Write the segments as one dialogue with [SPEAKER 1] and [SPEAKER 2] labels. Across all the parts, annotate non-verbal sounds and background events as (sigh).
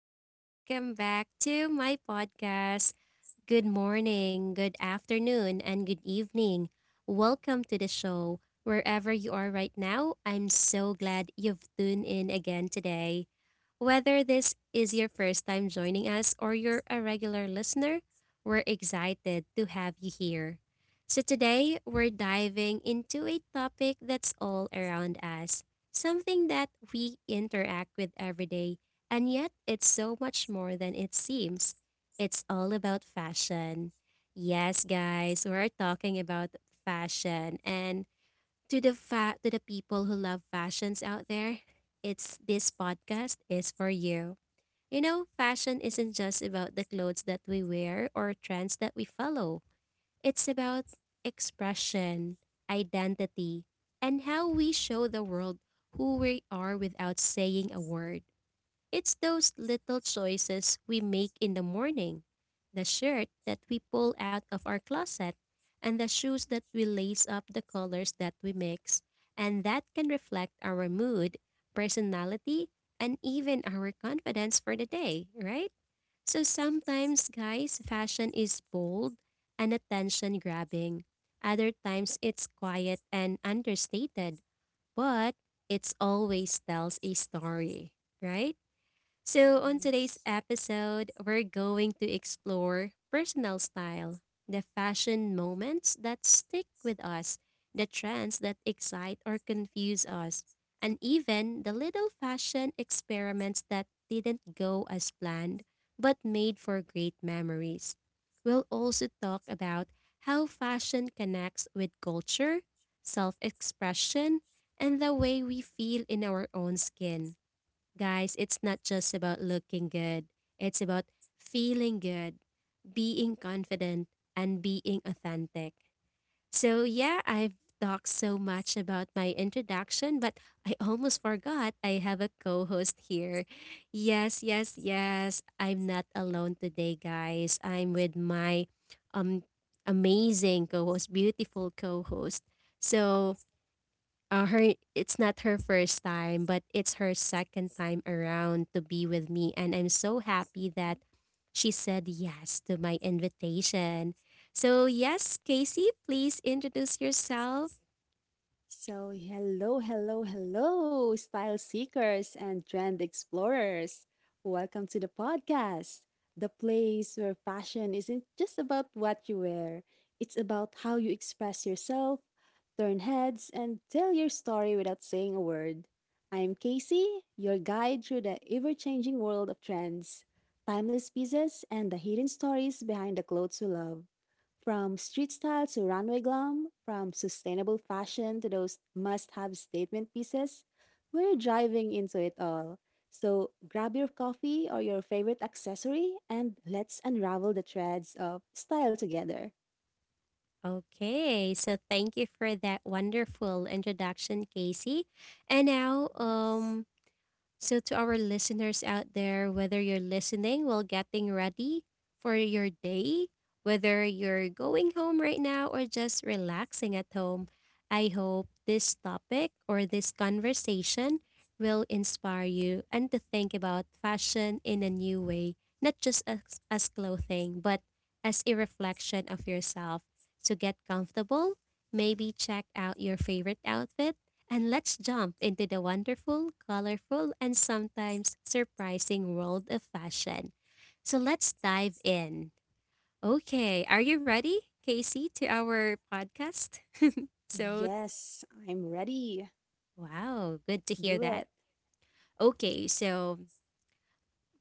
[SPEAKER 1] and welcome back to my podcast. Good morning, good afternoon, and good evening. Welcome to the show. Wherever you are right now, I'm so glad you've tuned in again today. Whether this is your first time joining us or you're a regular listener, we're excited to have you here. So, today we're diving into a topic that's all around us, something that we interact with every day, and yet it's so much more than it seems. It's all about fashion. Yes, guys, we're talking about fashion. And to the people who love fashions out there. It's This podcast is for you. You know, fashion isn't just about the clothes that we wear or trends that we follow. It's about expression, identity, and how we show the world who we are without saying a word. It's those little choices we make in the morning, the shirt that we pull out of our closet, and the shoes that we lace up, the colors that we mix, and that can reflect our mood, personality, and even our confidence for the day, right? So sometimes, guys, fashion is bold and attention grabbing. Other times, it's quiet and understated, but it always tells a story, right? So, on
[SPEAKER 2] Yeah.
[SPEAKER 1] today's episode, we're going to explore personal style, the fashion moments that stick with us, the trends that excite or confuse us, and even the little fashion experiments that didn't go as planned but made for great memories. We'll also talk about how fashion connects with culture, self expression, and the way we feel in our own skin. Guys, it's not just about looking good, it's about feeling good, being confident, and being authentic. So, yeah, I've talked so much about my introduction, but I (laughs) almost forgot I have a co host here. Yes, yes, yes. I'm not alone today, guys. I'm with my um amazing co host, beautiful co host. So, her it's not her first time, but it's her second time around to be with me, and I'm so happy that she said yes to my invitation. So, yes, Casey, please introduce yourself.
[SPEAKER 2] So, hello, hello, hello, style seekers and trend explorers. Welcome to the podcast, the place where fashion isn't just about what you wear, it's about how you express yourself, turn heads, and tell your story without saying a word. I'm Casey, your guide through the ever changing world of trends, timeless pieces, and the hidden stories behind the clothes we love. From street style to runway glam, from sustainable fashion to those must have statement pieces, we're driving into it all. So grab your coffee or your favorite accessory and let's unravel the threads of style together.
[SPEAKER 1] Okay, so thank you for that wonderful introduction, Casey. And now,
[SPEAKER 2] Yes.
[SPEAKER 1] so, to our listeners out there, whether you're listening while getting ready for your day, whether you're going home right now or just relaxing at home, I hope this topic or this conversation will inspire you and to think about fashion in a new way, not just as clothing, but as a reflection of yourself. So, get comfortable, maybe check out your favorite outfit, and let's jump into the wonderful, colorful, and sometimes surprising world of fashion. So let's dive in. Okay, are you ready, Casey, to our podcast? So,
[SPEAKER 2] Yes, I'm ready.
[SPEAKER 1] wow, good to
[SPEAKER 2] Let's
[SPEAKER 1] hear
[SPEAKER 2] do it.
[SPEAKER 1] that. Okay, so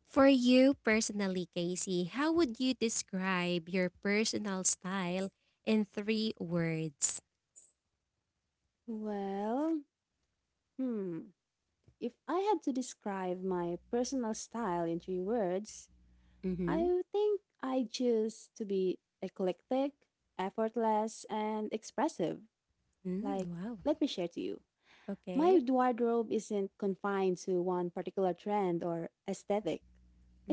[SPEAKER 1] for you personally, Casey, how would you describe your personal style in three words?
[SPEAKER 2] Well, hmm. If I had to describe my personal style in three words,
[SPEAKER 1] Mm-hmm.
[SPEAKER 2] I think I choose to be eclectic, effortless, and expressive.
[SPEAKER 1] Mm,
[SPEAKER 2] Like,
[SPEAKER 1] wow.
[SPEAKER 2] let me share to you. My
[SPEAKER 1] Okay.
[SPEAKER 2] wardrobe isn't confined to one particular trend or aesthetic.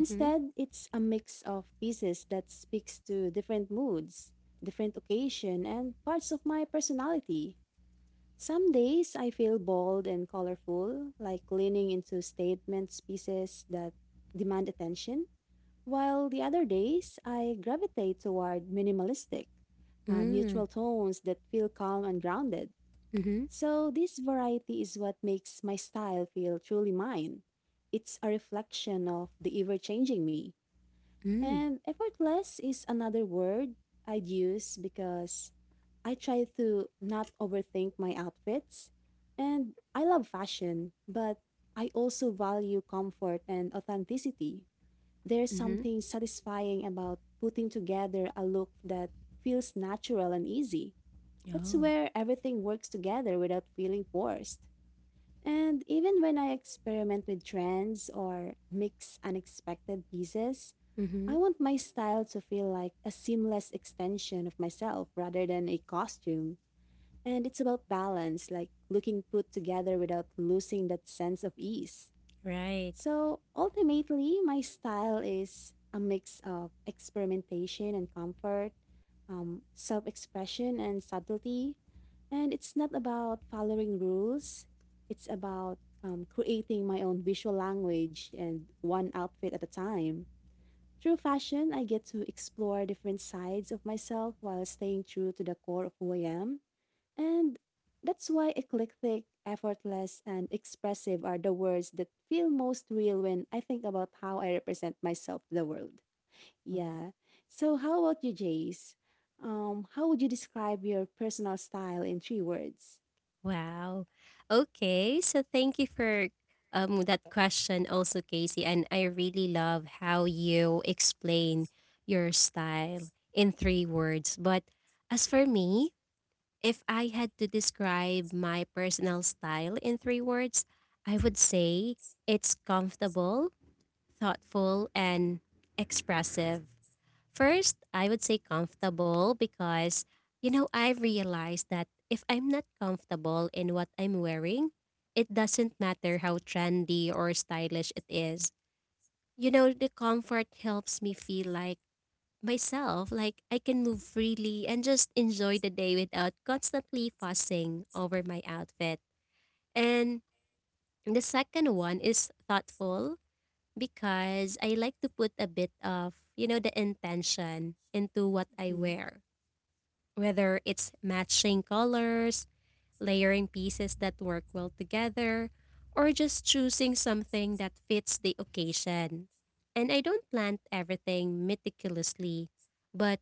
[SPEAKER 1] Mm-hmm.
[SPEAKER 2] it's a mix of pieces that speaks to different moods, different occasion, and parts of my personality. Some days I feel bold and colorful, like leaning into statements pieces that demand attention while the other days, I gravitate toward minimalistic,
[SPEAKER 1] Mm.
[SPEAKER 2] neutral tones that feel calm and grounded.
[SPEAKER 1] Mm-hmm.
[SPEAKER 2] So, this variety is what makes my style feel truly mine. It's a reflection of the ever changing me.
[SPEAKER 1] Mm.
[SPEAKER 2] And effortless is another word I'd use because I try to not overthink my outfits. And I love fashion, but I also value comfort and authenticity. There's
[SPEAKER 1] Mm-hmm.
[SPEAKER 2] something satisfying about putting together a look that feels natural and easy. That's
[SPEAKER 1] Oh.
[SPEAKER 2] where everything works together without feeling forced. And even when I experiment with trends or mix unexpected pieces,
[SPEAKER 1] Mm-hmm.
[SPEAKER 2] I want my style to feel like a seamless extension of myself rather than a costume. And it's about balance, like looking put together without losing that sense of ease.
[SPEAKER 1] Right.
[SPEAKER 2] So ultimately, my style is a mix of experimentation and comfort, self expression and subtlety. And it's not about following rules, it's about creating my own visual language and one outfit at a time. Through fashion, I get to explore different sides of myself while staying true to the core of who I am. And that's why eclectic, effortless, and expressive are the words that feel most real when I think about how I represent myself to the world.
[SPEAKER 1] Oh,
[SPEAKER 2] Yeah. So, how about you, Jace? How would you describe your personal style in three words?
[SPEAKER 1] wow. Okay. So thank you for that question also, Casey. And I really love how you explain your style in three words. But as for me, if I had to describe my personal style in three words, I would say it's comfortable, thoughtful, and expressive. First, I would say comfortable because, you know, I've realized that if I'm not comfortable in what I'm wearing, it doesn't matter how trendy or stylish it is. You know, the comfort helps me feel like myself, like I can move freely and just enjoy the day without constantly fussing over my outfit. And the second one is thoughtful because I like to put a bit of, the intention into what I
[SPEAKER 2] Mhm,
[SPEAKER 1] wear, whether it's matching colors, layering pieces that work well together, or just choosing something that fits the occasion. And I don't plan everything meticulously, but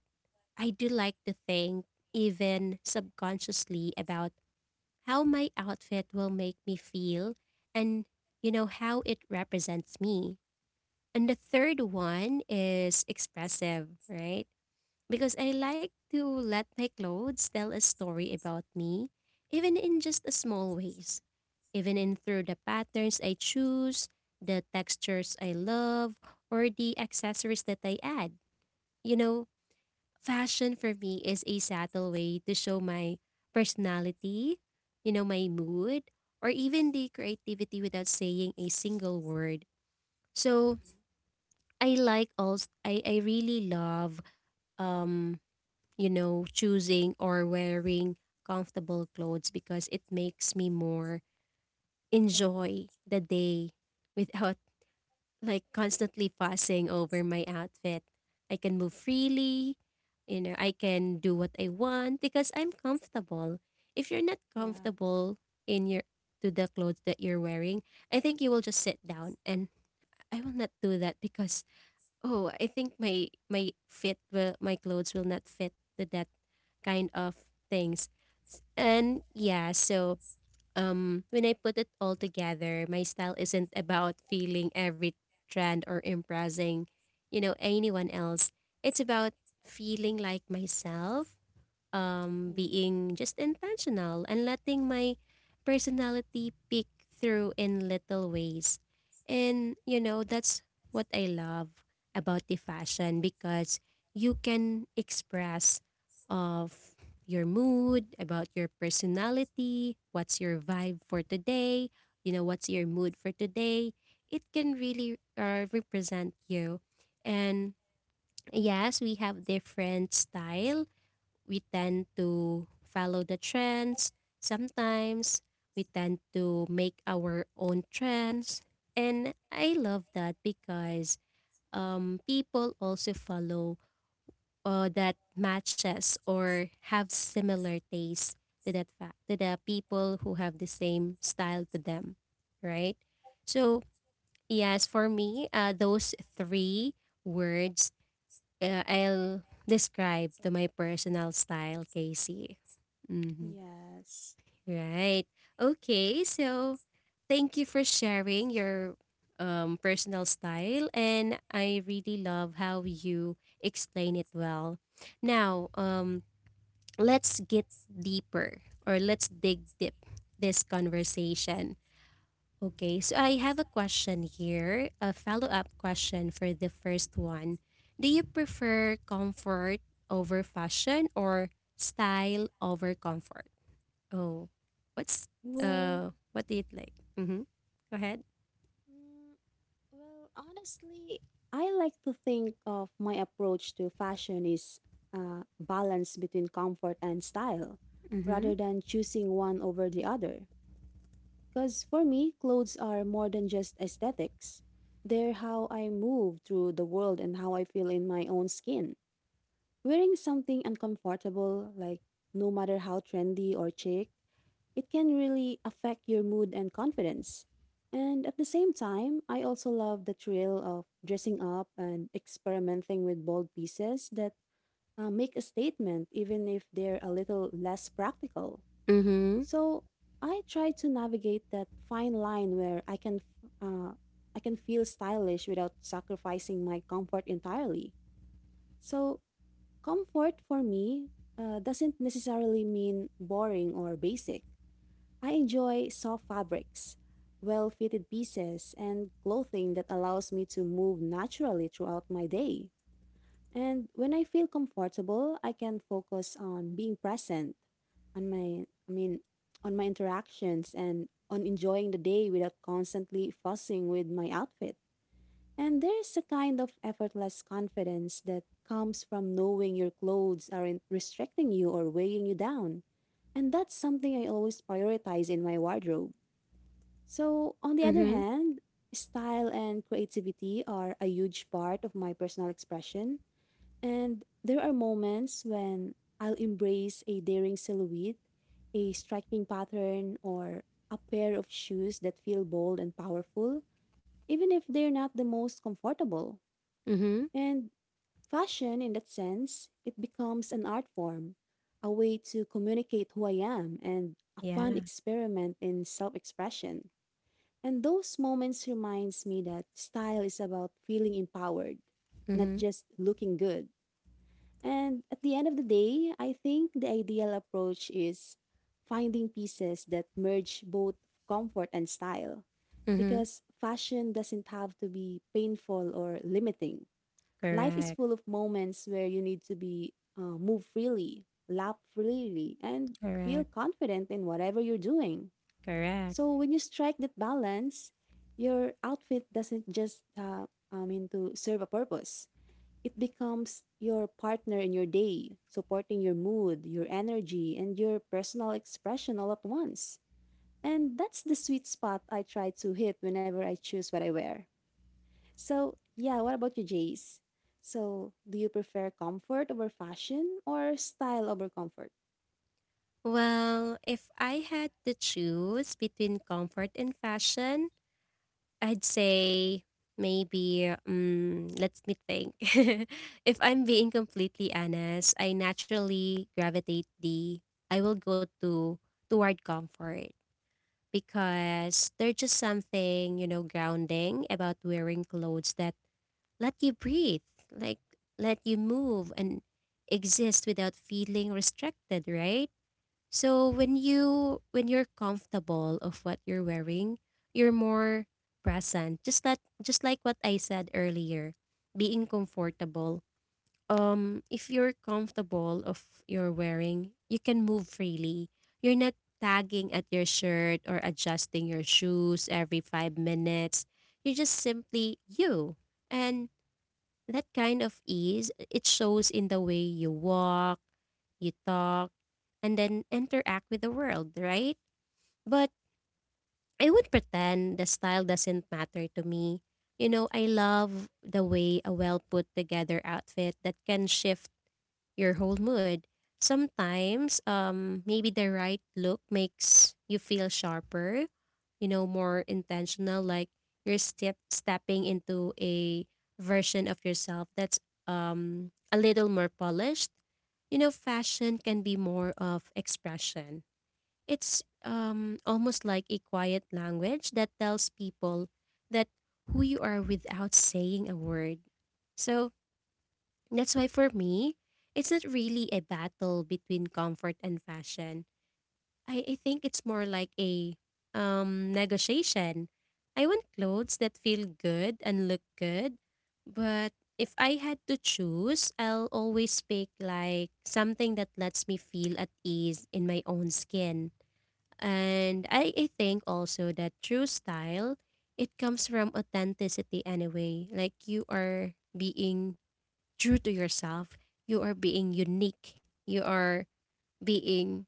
[SPEAKER 1] I do like to think, even subconsciously, about how my outfit will make me feel and, how it represents me. And the third one is expressive, right? Because I
[SPEAKER 2] mhm,
[SPEAKER 1] like to let my clothes tell a story about me, even in just a small ways. Even in through the patterns I choose, the textures I love, or the accessories that I add. You know, fashion for me is a subtle way to show my personality, my mood, or even the creativity without saying a single word. So,
[SPEAKER 2] mhm.
[SPEAKER 1] I like also I really love um choosing or wearing comfortable clothes because it makes me more enjoy the day without (laughs) like constantly fussing over my outfit. I can move freely, I can do what I want because I'm comfortable. If you're not
[SPEAKER 2] Yes.
[SPEAKER 1] comfortable in your to the clothes that you're wearing, I think you will just sit down, and I will not do that because, oh, I think my my fit will my clothes will not fit to that kind of things. And yeah, so when I put it all together, my style isn't about feeling every trend or impressing, anyone else. It's about feeling like myself,
[SPEAKER 2] Mhm.
[SPEAKER 1] being just intentional and letting my personality peek through in little ways. And, you know, that's what I love about the fashion because you can express of your mood, about your personality, what's your vibe for today, what's your mood for today. It can really represent you. And yes, we have different style, we tend to follow the trends. Sometimes we tend to make our own trends. And I love that because people also follow that matches or have similar taste to that fact to the people who have the same style to them, right? So yes, for me, those three words, I'll describe to my personal style, Casey. Mhm.
[SPEAKER 2] Yes.
[SPEAKER 1] Right. Okay. So, thank you for sharing your personal style, and I really love how you explain it well. Now, let's get deeper, or let's dig deep this conversation. Okay. So, I have a question here, a follow up question for the first one. Do you prefer comfort over fashion, or style over comfort? Oh, what's
[SPEAKER 2] Well,
[SPEAKER 1] what do you like? Mm-hmm. Go ahead.
[SPEAKER 2] Well, honestly, I like to think of my approach to fashion is balance between comfort and style, rather
[SPEAKER 1] Mm-hmm.
[SPEAKER 2] than choosing one over the other. Because for me, clothes are more than just aesthetics. They're how I move through the world and how I feel in my own skin. Wearing something uncomfortable, like no matter how trendy or chic, it can really affect your mood and confidence. And at the same time, I also love the thrill of dressing up and experimenting with bold pieces that make a statement, even if they're a little less practical.
[SPEAKER 1] Mm-hmm.
[SPEAKER 2] So I try to navigate that fine line where I can feel stylish without sacrificing my comfort entirely. So comfort for me doesn't necessarily mean boring or basic. I enjoy soft fabrics, well fitted pieces, and clothing that allows me to move naturally throughout my day. And when I feel comfortable, I can focus on being present, on my, I mean, on my interactions and on enjoying the day without constantly fussing with my outfit. And there's a kind of effortless confidence that comes from knowing your clothes aren't restricting you or weighing you down. And that's something I always prioritize in my wardrobe. So, on the other
[SPEAKER 1] Mm-hmm.
[SPEAKER 2] hand, style and creativity are a huge part of my personal expression. And there are moments when I'll embrace a daring silhouette, a striking pattern, or a pair of shoes that feel bold and powerful, even if they're not the most comfortable.
[SPEAKER 1] Mm-hmm.
[SPEAKER 2] And fashion, in that sense, it becomes an art form, a way to communicate who I am and a fun
[SPEAKER 1] Yeah.
[SPEAKER 2] experiment in self expression. And those moments reminds me that style is about feeling empowered, not
[SPEAKER 1] Mm-hmm.
[SPEAKER 2] just looking good. And at the end of the day, I think the ideal approach is finding pieces that merge both comfort and style
[SPEAKER 1] Mm-hmm.
[SPEAKER 2] because fashion doesn't have to be painful or limiting. Life is
[SPEAKER 1] Correct.
[SPEAKER 2] full of moments where you need to be move freely, laugh freely, and feel
[SPEAKER 1] Correct.
[SPEAKER 2] confident in whatever you're doing.
[SPEAKER 1] Correct.
[SPEAKER 2] So when you strike that balance, your outfit doesn't just to serve a purpose. It becomes your partner in your day, supporting your mood, your energy, and your personal expression all at once. And that's the sweet spot I try to hit whenever I choose what I wear. So, yeah, what about you, Jace? So, do you prefer comfort over fashion or style over comfort?
[SPEAKER 1] Well, if I had to choose between comfort and fashion, I'd say maybe let me think. (laughs) If I'm being completely honest, I naturally gravitate the I will go to toward comfort because there's just something, grounding about wearing clothes that let you breathe, like let you move and exist without feeling restricted, right? So when you're comfortable of what you're wearing, you're more present. Just that, just like what I said earlier, being comfortable, if you're comfortable of your wearing, you can move freely. You're not tagging at your shirt or adjusting your shoes every 5 minutes. You're just simply you, and that kind of ease, it shows in the way you walk, you talk, and then interact with the world, right? But I would pretend the style doesn't matter to me. You know, I love the way a well put together outfit that can shift your whole mood. Sometimes, maybe the right look makes you feel sharper, you know, more intentional, like you're stepping into a version of yourself that's a little more polished. You know, fashion can be more of expression. It's almost like a quiet language that tells people that who you are without saying a word. So that's why for me, it's not really a battle between comfort and fashion. I think it's more like a negotiation. I want clothes that feel good and look good, but if I had to choose, I'll always pick like something that lets me feel at ease in my own skin. And I think also that true style, it comes from authenticity anyway. Like you are being true to yourself. You are being unique. You are being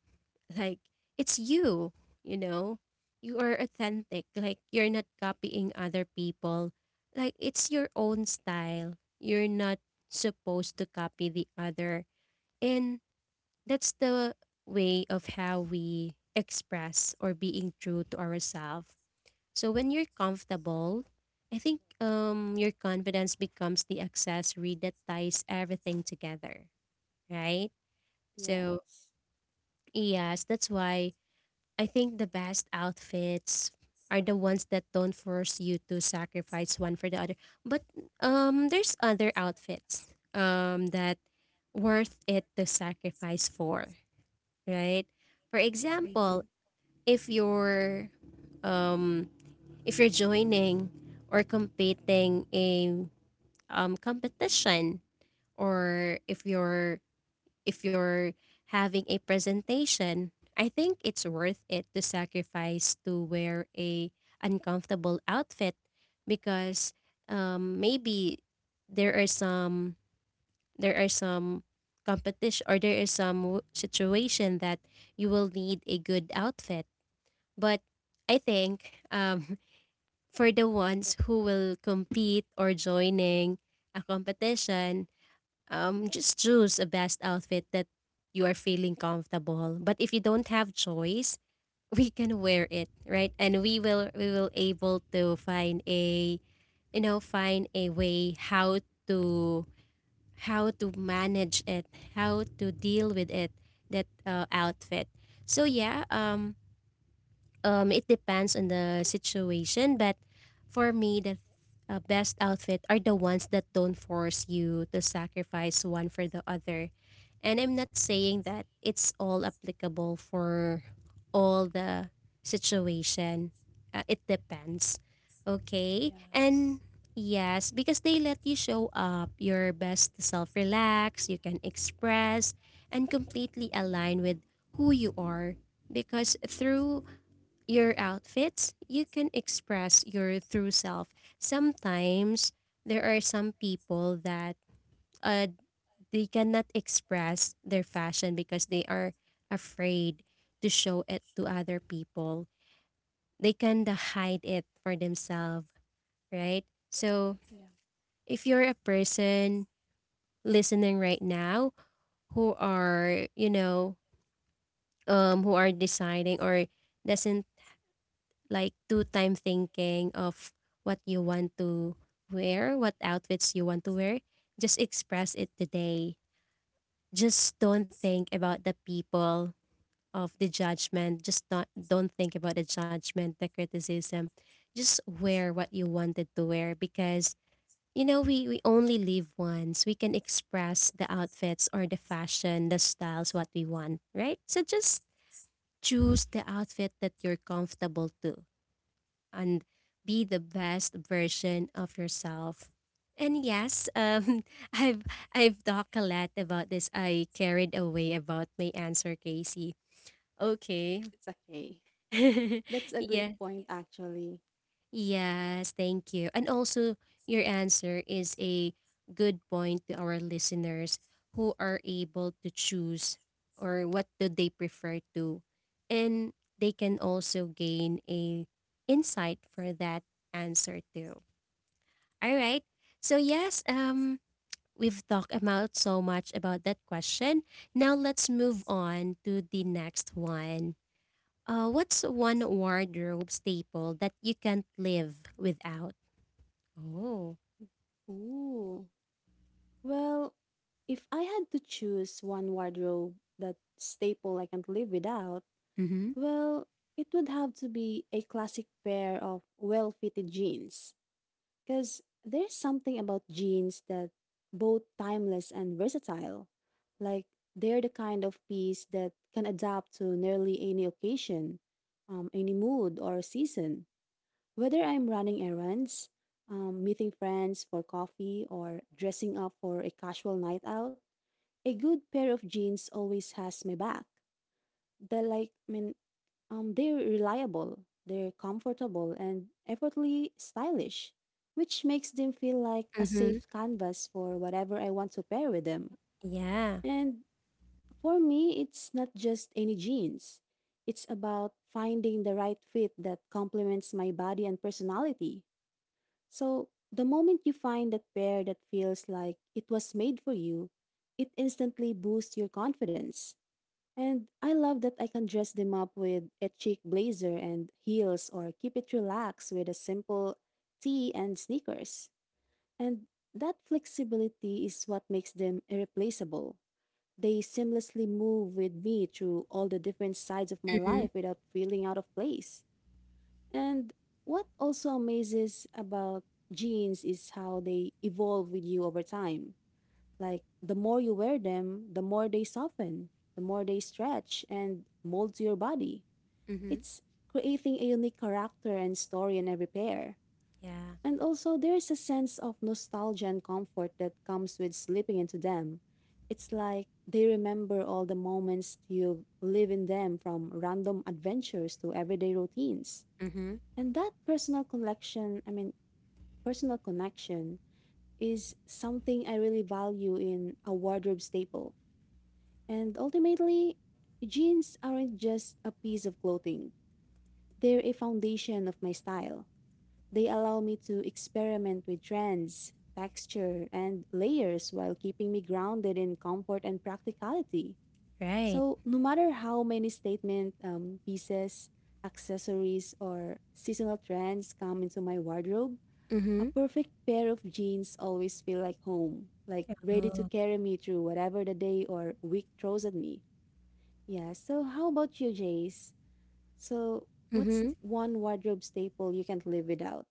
[SPEAKER 1] like it's you, you know. You are authentic. Like you're not copying other people. Like it's your own style. You're not supposed to copy the other. And that's the way of how we express or being true to ourselves. So when you're comfortable, I think your confidence becomes the accessory that ties everything together, right? So,
[SPEAKER 2] Yes.
[SPEAKER 1] yes, that's why I think the best outfits are the ones that don't force you to sacrifice one for the other. But there's other outfits that worth it to sacrifice for, right? For example,
[SPEAKER 2] Mm-hmm.
[SPEAKER 1] if you're um if you're joining or competing a competition, or if you're having a presentation, I think it's worth it to sacrifice to wear a uncomfortable outfit because maybe there are some there are some competition or there is some situation that you will need a good outfit. But I think (laughs) for the ones who will compete or joining a competition, just choose a best outfit that you are feeling comfortable. But if you don't have choice, (laughs) we can wear it, right? And we will able to find a find a way to how to manage it, how to deal with it that outfit. So yeah, it depends on the situation, but for me, the best outfit are the ones that don't force you to sacrifice one for the other. And I'm not saying that it's all applicable for all the situation. It depends. Okay?
[SPEAKER 2] Yes.
[SPEAKER 1] And yes, because they let you show up your best self, relax, you can express, and completely align with who you are because through your outfits, you can express your true self. Sometimes there are some people that uh, they cannot express their fashion because they are afraid to show it to other people. They kind of hide it for themselves, right? So
[SPEAKER 2] Yeah.
[SPEAKER 1] if you're a person listening right now who are, who are deciding or doesn't like two time thinking of what you want to wear, what outfits you want to wear. Just express it today. Just don't think about the people of the judgment. Just don't think about the judgment, the criticism. Just wear what you wanted to wear because we only live once. We can express the outfits or the fashion, the styles what we want, right? So just choose the outfit that you're comfortable to and be the best version of yourself. And yes, (laughs) I've I've talked a lot about this. I carried away about my answer, Casey. Okay.
[SPEAKER 2] Yes, it's okay.
[SPEAKER 1] (laughs)
[SPEAKER 2] That's a great
[SPEAKER 1] Yeah.
[SPEAKER 2] point, actually.
[SPEAKER 1] Yes. Thank you. And also, your answer is a good point to our listeners who are able to choose or what do they prefer to, and they can also gain a insight for that answer too. All right. So yes, we've talked about so much about that question. Now let's move on to the next one. What's one wardrobe staple that you can't live without? Oh.
[SPEAKER 2] Ooh. Well, if I had to choose one wardrobe that staple I can't live without,
[SPEAKER 1] Mm-hmm.
[SPEAKER 2] well, it would have to be a classic pair of well fitted jeans. Because there's something about jeans that both timeless and versatile. Like, they're the kind of piece that can adapt to nearly any occasion, any mood, or season. Whether I'm running errands, meeting friends for coffee, or dressing up for a casual night out, a good pair of jeans always has my back. They're like, I mean, they're reliable, they're comfortable, and effortlessly stylish, which makes them feel like a
[SPEAKER 1] Mhm.
[SPEAKER 2] safe canvas for whatever I want to pair with them.
[SPEAKER 1] Yeah.
[SPEAKER 2] And for me, it's not just any jeans. It's about finding the right fit that complements my body and personality. So, the moment you find that pair that feels like it was made for you, it instantly boosts your confidence. And I love that I can dress them up with a chic blazer and heels or keep it relaxed with a simple tee and sneakers. And that flexibility is what makes them irreplaceable. They seamlessly move with me through all the different sides of my
[SPEAKER 1] Mm-hmm.
[SPEAKER 2] life without feeling out of place. And what also amazes about jeans is how they evolve with you over time. Like the more you wear them, the more they soften, the more they stretch and mold to your body.
[SPEAKER 1] Mm-hmm.
[SPEAKER 2] It's creating a unique character and story in every pair.
[SPEAKER 1] Yeah.
[SPEAKER 2] And also, there's a sense of nostalgia and comfort that comes with slipping into them. It's like they remember all the moments you live in them from random adventures to everyday routines.
[SPEAKER 1] Mm-hmm.
[SPEAKER 2] And that personal connection is something I really value in a wardrobe staple. And ultimately, jeans aren't just a piece of clothing, they're a foundation of my style. They allow me to experiment with trends, texture, and layers while keeping me grounded in comfort and practicality.
[SPEAKER 1] Right.
[SPEAKER 2] So, no matter how many statement pieces, accessories, or seasonal trends come into my wardrobe, a
[SPEAKER 1] Mm-hmm.
[SPEAKER 2] perfect pair of jeans always feel like home, like ready to
[SPEAKER 1] Oh.
[SPEAKER 2] carry me through whatever the day or week throws at me. Yeah, so how about you, Jace? So, what's
[SPEAKER 1] Mm-hmm.
[SPEAKER 2] one wardrobe staple you can't live without?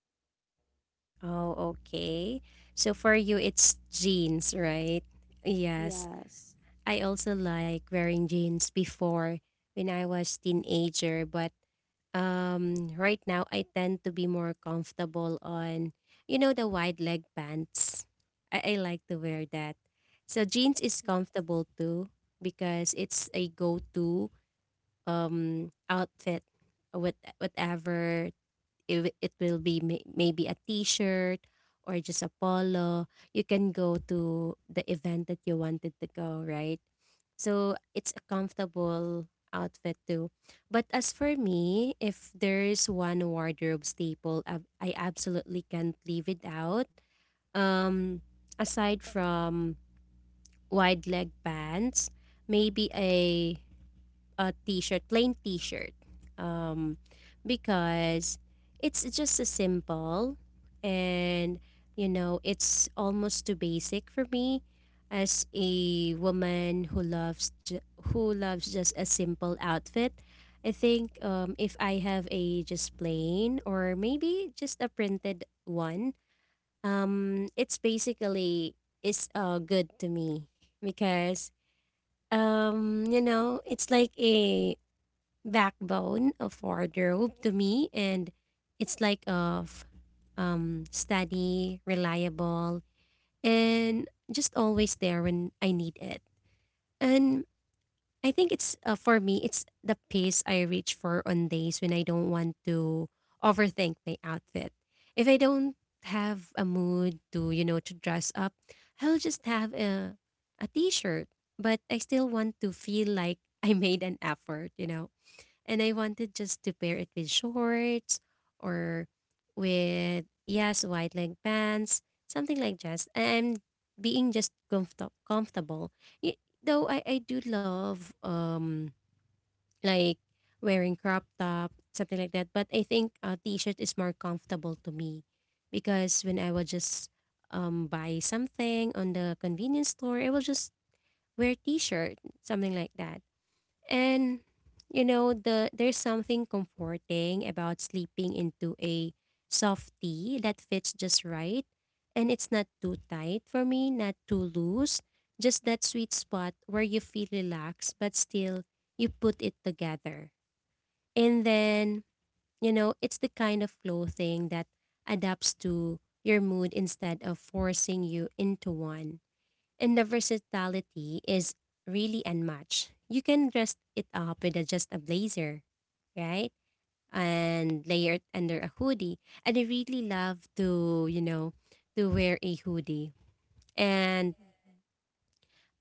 [SPEAKER 1] Oh, okay. So for you it's jeans, right? Yes.
[SPEAKER 2] Yes.
[SPEAKER 1] I also like wearing jeans before when I was teenager, but right now I tend to be more comfortable on the wide leg pants. I like to wear that. So jeans is
[SPEAKER 2] Hmm.
[SPEAKER 1] comfortable too because it's a go-to outfit with whatever if it will be maybe a t-shirt or just a polo, you can go to the event that you wanted to go, right? So it's a comfortable outfit too, but as for me, if there is one wardrobe staple I absolutely can't leave it out, um aside from wide leg pants, maybe a t-shirt, plain t-shirt. Um, because it's just a simple and, you know, it's almost too basic for me as a woman who who loves just a simple outfit. I think if I have a just plain or maybe just a printed one, it's basically is good to me because, you know, it's like a backbone of wardrobe to me and it's like of steady, reliable and just always there when I need it. And I think it's for me it's the pace I reach for on days when I don't want to overthink my outfit. If I don't have a mood to, you know, to dress up, I'll just have a t-shirt, but I still want to feel like (laughs) I made an effort, you know. And I wanted just to pair it with shorts or with, yes, wide leg pants, something like just and being just comfortable. Y- Though I do love like wearing crop top, something like that. But I think a t-shirt is more comfortable to me because when I will just buy something on the convenience store, I will just wear t-shirt, something like that. And you know, there's something comforting about sleeping into a soft tee that fits just right and it's not too tight for me, not too loose, just that sweet spot where you feel relaxed but still you put it together. And then, you know, it's the kind of clothing that adapts to your mood instead of forcing you into one. And the versatility is really unmatched. You can dress it up with a, just a blazer, right? And layer it under a hoodie. And I really love to, you know, to wear a hoodie. And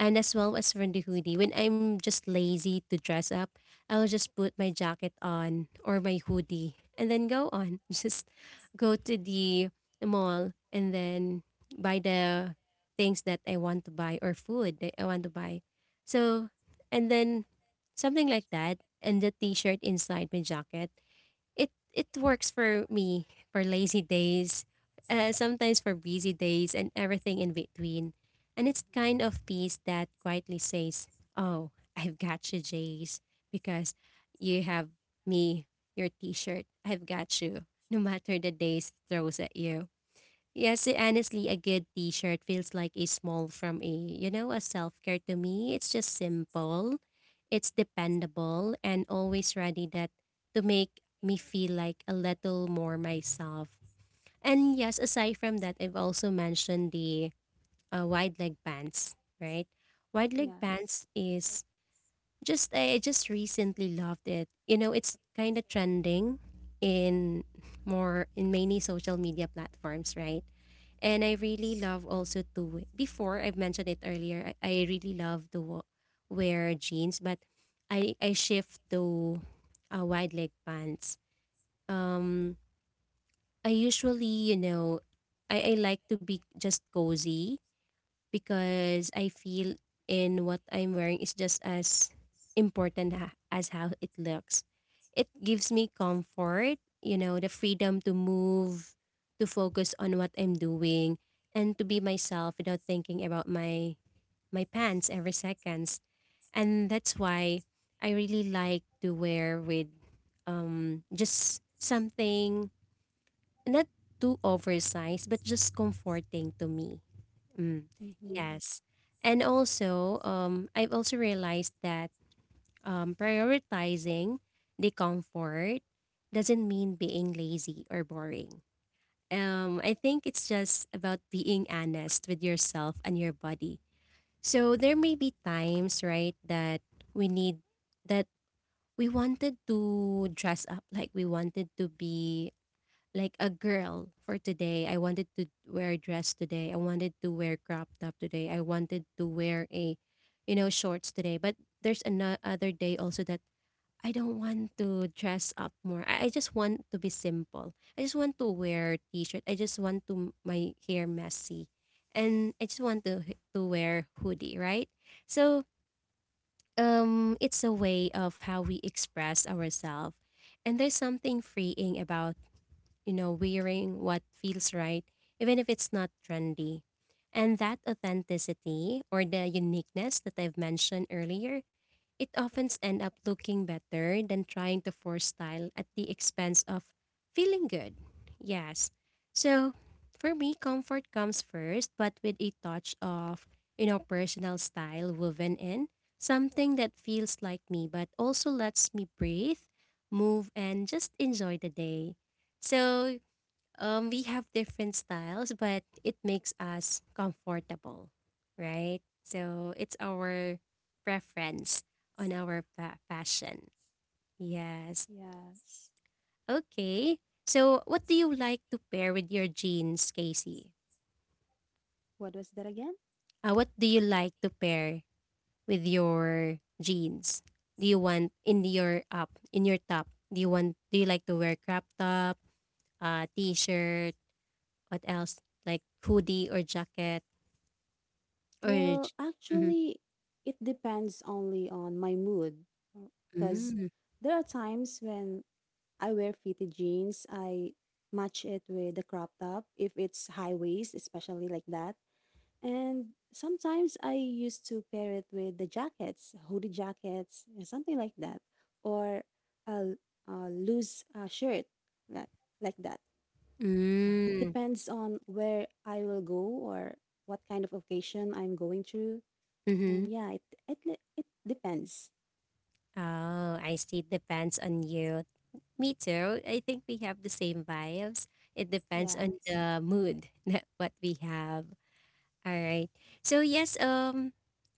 [SPEAKER 1] as well as for the hoodie, when I'm just lazy to dress up, I'll just put my jacket on or my hoodie and then go on. (laughs) Just go to the mall and then buy the things that I want to buy or food that I want to buy. So, and then something like that and the t-shirt inside my jacket it works for me for lazy days, sometimes for busy days and everything in between. And it's kind of piece that quietly says, "Oh, I've got you, Jace, because you have me, your T-shirt. I've got you, no matter the days throws at you." Yes, honestly, a good t-shirt feels like a small from a, you know, a self-care to me. It's just simple, it's dependable, and always ready that to make me feel like a little more myself. And yes, aside from that, I've also mentioned the wide leg pants, right? Wide leg
[SPEAKER 2] Yes.
[SPEAKER 1] pants is just I just recently loved it. You know, it's kind of trending in more in many social media platforms, right? And I really love also to before I've mentioned it earlier. I really love to wear jeans, but I shift to wide leg pants. Um, I usually, you know, I like to be just cozy because I feel in what I'm wearing is just as important as how it looks. It gives me comfort, you know, the freedom to move, to focus on what I'm doing, and to be myself without thinking about my pants every seconds. And that's why I really like to wear with just something not too oversized but just comforting to me. Mm,
[SPEAKER 2] Mm-hmm.
[SPEAKER 1] yes. And also, I've also realized that prioritizing the comfort doesn't mean being lazy or boring. I think it's just about being honest with yourself and your body. So there may be times, right, we need that we wanted to dress up like we wanted to be like a girl for today. I wanted to wear a dress today. I wanted to wear crop top today. I wanted to wear a, you know, shorts today. But there's another day also that I don't want to dress up more. I just want to be simple. I just want to wear t-shirt. I just want to my hair messy, and I just want to wear hoodie. Right. So, it's a way of how we express ourselves, and there's something freeing about, you know, wearing what feels right, even if it's not trendy. And that authenticity or the uniqueness that I've mentioned earlier, it often end up looking better than trying to force style at the expense of feeling good. Yes. So for me, comfort comes first, but with a touch of, you know, personal style woven in. Something that feels like me, but also lets me breathe, move, and just enjoy the day. So, we have different styles, but it makes us comfortable, right? So it's our preference on our fashion. Yes.
[SPEAKER 2] Yes.
[SPEAKER 1] Okay. So what do you like to pair with your jeans, Casey?
[SPEAKER 2] What was that again?
[SPEAKER 1] What do you like to pair with your jeans? Do you want in your up in your top? Do you want? Do you like to wear crop top, t-shirt? What else? Like hoodie or jacket?
[SPEAKER 2] Well,
[SPEAKER 1] Urge. Mhm.
[SPEAKER 2] actually, it depends only on my mood. Because
[SPEAKER 1] Mm.
[SPEAKER 2] there are times when I wear fitted jeans, I match it with the crop top if it's high waist, especially like that. And sometimes I used to pair it with the jackets, hoodie jackets, and something like that, or a, a loose shirt like, like that. Yeah, it
[SPEAKER 1] Mm.
[SPEAKER 2] depends on where I will go or what kind of occasion I'm going through. And
[SPEAKER 1] Mhm.
[SPEAKER 2] yeah, it depends.
[SPEAKER 1] Oh, I see. It depends on you. Me too. I think we have the same vibes. It depends on
[SPEAKER 2] Yes.
[SPEAKER 1] the mood (laughs) that what we have. All right. So yes,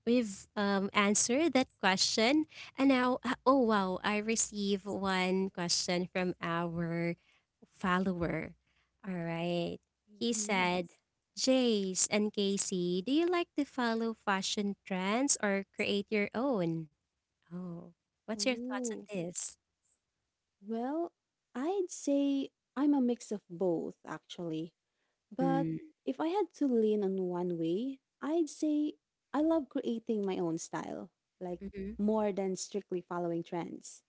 [SPEAKER 1] we've answered that question, and now oh wow, I received one question from our follower. All right. He
[SPEAKER 2] Mm-hmm.
[SPEAKER 1] said, Jace and Casey, do you like to follow fashion trends or create your own? Oh, what's your thoughts on
[SPEAKER 2] Oh.
[SPEAKER 1] this?
[SPEAKER 2] Well, I'd say I'm a mix of both actually. But
[SPEAKER 1] Mm.
[SPEAKER 2] if I had to lean on one way, I'd say I love creating my own style, like
[SPEAKER 1] Mm-hmm,
[SPEAKER 2] more than strictly following trends.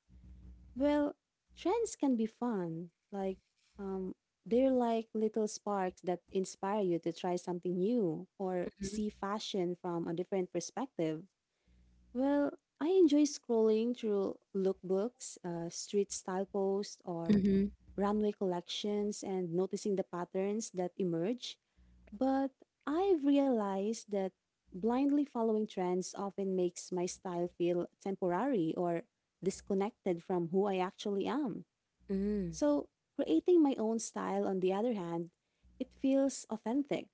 [SPEAKER 2] Well, trends can be fun. Like um they're like little sparks that inspire you to try something new or see fashion from a different perspective. Well, I enjoy scrolling through lookbooks, street style posts, or
[SPEAKER 1] mm-hmm,
[SPEAKER 2] runway collections and noticing the patterns that emerge. But I've realized that blindly following trends often makes my style feel temporary or disconnected from who I actually am.
[SPEAKER 1] mm-hmm,
[SPEAKER 2] So, creating my own style, on the other hand, it feels authentic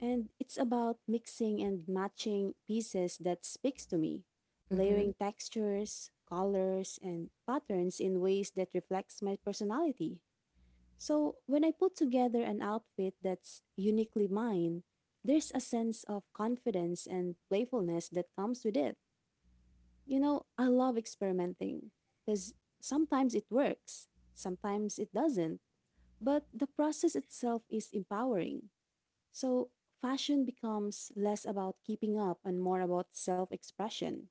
[SPEAKER 2] and it's about mixing and matching pieces that speaks to me,
[SPEAKER 1] mm-hmm,
[SPEAKER 2] layering textures, colors, and patterns in ways that reflects my personality. So when I put together an outfit that's uniquely mine, there's a sense of confidence and playfulness that comes with it. You know, I love experimenting because sometimes it works, sometimes it doesn't, but the process itself is empowering. So, fashion becomes less about keeping up and more about self expression.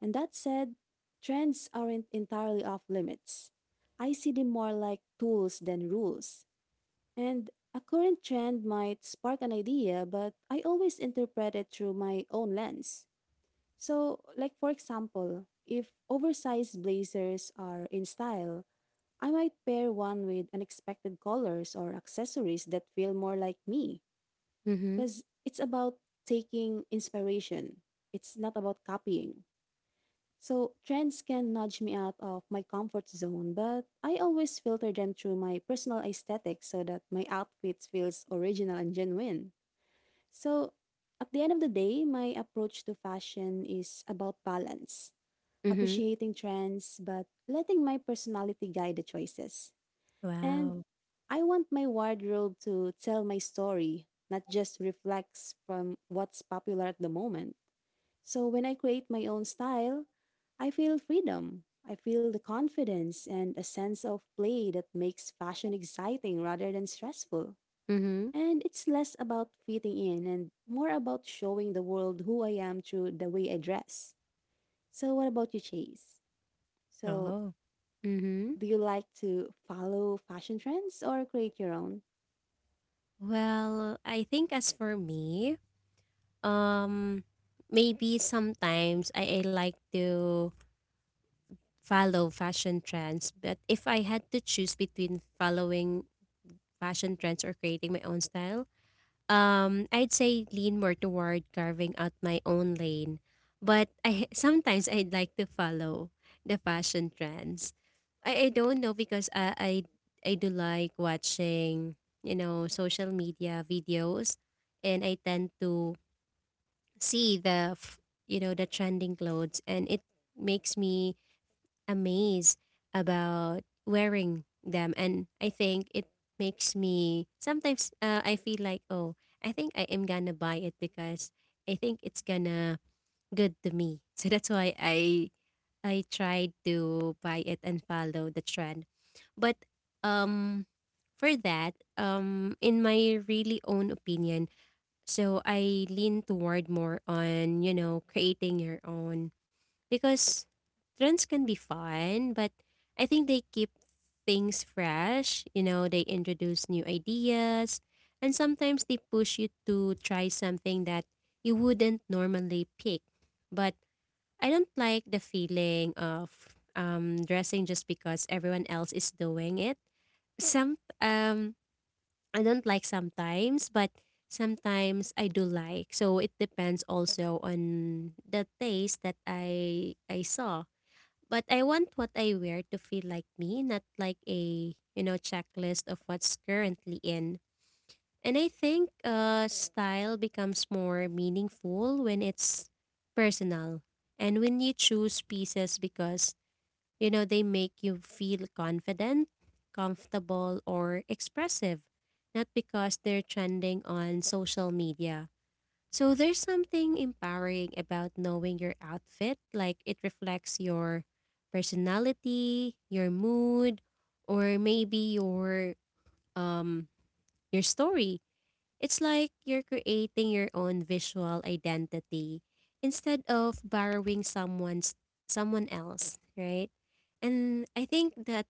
[SPEAKER 2] And that said, trends aren't entirely off limits. I see them more like tools than rules. And a current trend might spark an idea, but I always interpret it through my own lens. So, like for example, if oversized blazers are in style, I might pair one with unexpected colors or accessories that feel more like me.
[SPEAKER 1] mm-hmm,
[SPEAKER 2] Because it's about taking inspiration. It's not about copying. So, trends can nudge me out of my comfort zone, but I always filter them through my personal aesthetic so that my outfit feels original and genuine. So, at the end of the day, my approach to fashion is about balance,
[SPEAKER 1] mm-hmm.
[SPEAKER 2] appreciating trends, but letting my personality guide the choices. And
[SPEAKER 1] Wow.
[SPEAKER 2] I want my wardrobe to tell my story, not just reflects from what's popular at the moment. So when I create my own style, I feel freedom. I feel the confidence and a sense of play that makes fashion exciting rather than stressful.
[SPEAKER 1] Mm-hmm.
[SPEAKER 2] And it's less about fitting in and more about showing the world who I am through the way I dress. So, what about you, Chase? So,
[SPEAKER 1] Oh. Mm-hmm.
[SPEAKER 2] do you like to follow fashion trends or create your own?
[SPEAKER 1] Well, I think as for me, um, maybe sometimes I like to follow fashion trends, but if I had to choose between following fashion trends or creating my own style, I'd say lean more toward carving out my own lane, but I sometimes I'd like to follow the fashion trends. I don't know because I do like watching, social media videos, and I tend to see you know, the trending clothes, and it makes me amazed about wearing them. And I think it makes me sometimes I feel like, oh, I think I am gonna buy it because I think it's gonna good to me. (laughs) So that's why I tried to buy it and follow the trend. But um for that, in my really own opinion, so I lean toward more on, you know, creating your own, because trends can be fun, but I think they keep things fresh. You know, they introduce new ideas, and sometimes they push you to try something that you wouldn't normally pick. But I don't like the feeling of dressing just because everyone else is doing it. Some I don't like sometimes, but sometimes I do like. So it depends also on the taste that I saw, but I want what I wear to feel like me, not like a, you know, checklist of what's currently in. And I think style becomes more meaningful when it's personal, and when you choose pieces because, you know, they make you feel confident, comfortable, or expressive, not because they're trending on social media. So there's something empowering about knowing your outfit, like it reflects your personality, your mood, or maybe um your story. It's like you're creating your own visual identity instead of borrowing someone else, right? And I think that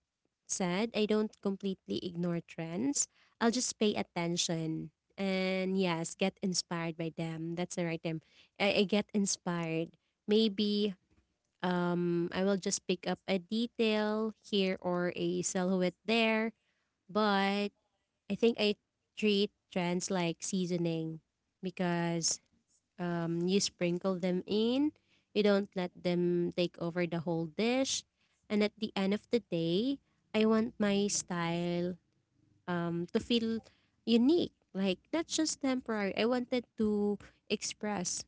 [SPEAKER 1] said, I don't completely ignore trends. I'll just pay attention and yes, get inspired by them. That's the right term. I get inspired. Maybe I will just pick up a detail here or a silhouette there. But I think I treat trends like seasoning, because you sprinkle them in, you don't let them take over the whole dish. And at the end of the day, I want my style to feel unique, like not just temporary. I wanted to express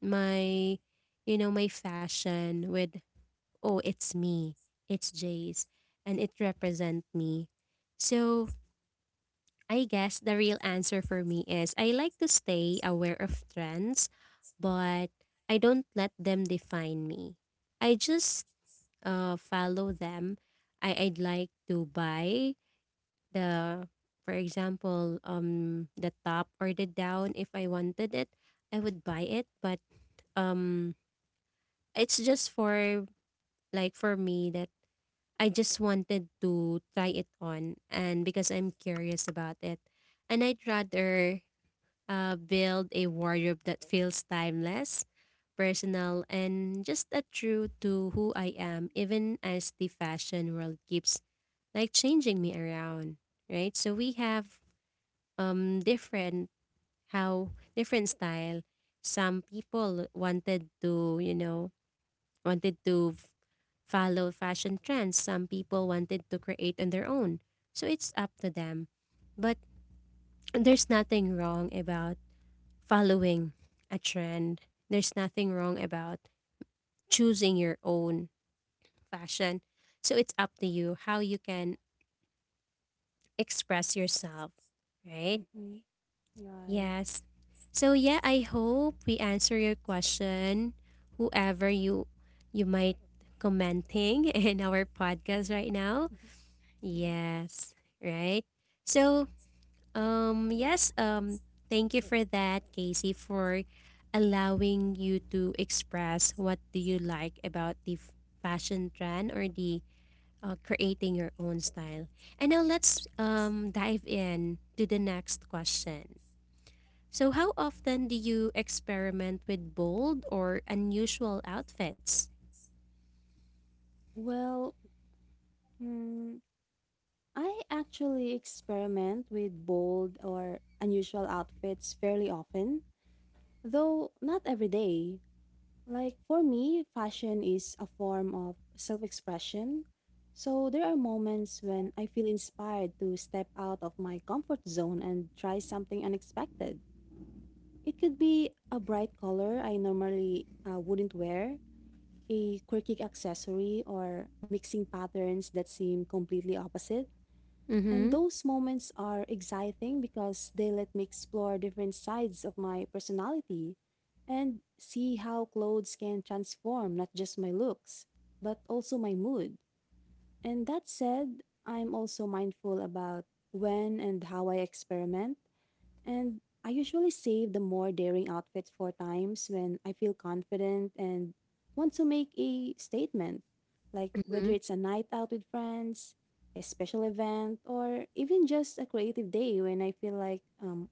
[SPEAKER 1] my, you know, my fashion with, oh, it's me, it's Jace, and it represent me. So I guess the real answer for me is I like to stay aware of trends, but I don't let them define me. I just follow them. I'd like to buy the, for example, the top or the down. If I wanted it, I would buy it. But um, it's just for like for me that I just wanted to try it on, and because I'm curious about it, and I'd rather build a wardrobe that feels timeless, personal, and just a true to who I am, even as the fashion world keeps like changing me around, right? So we have different how different style. Some people wanted to, you know, wanted to f- follow fashion trends. Some people wanted to create on their own. So it's up to them. But there's nothing wrong about following a trend. There's nothing wrong about choosing your own fashion. So it's up to you how you can express yourself, right?
[SPEAKER 2] Right.
[SPEAKER 1] Yes. So yeah, I hope we answer your question, whoever you might commenting (laughs) in our podcast right now.
[SPEAKER 2] Mhm. Yeah.
[SPEAKER 1] Yes, right? So Um, yes, um, thank you for that, Casey, for allowing you to express what do you like about the fashion trend or the creating your own style. And now let's dive in to the next question. So, how often do you experiment with bold or unusual outfits?
[SPEAKER 2] Well, mm, I actually experiment with bold or unusual outfits fairly often, though not every day. Like for me, fashion is a form of self expression. So there are moments when I feel inspired to step out of my comfort zone and try something unexpected. It could be a bright color I normally wouldn't wear, a quirky accessory or mixing patterns that seem completely opposite. And
[SPEAKER 1] Mm-hmm.
[SPEAKER 2] those moments are exciting because they let me explore different sides of my personality and see how clothes can transform not just my looks, but also my mood. And that said, I'm also mindful about when and how I experiment. And I usually save the more daring outfits for times when I feel confident and want to make a statement, like
[SPEAKER 1] Mm-hmm.
[SPEAKER 2] whether it's a night out with friends, a special event, or even just a creative day when I feel like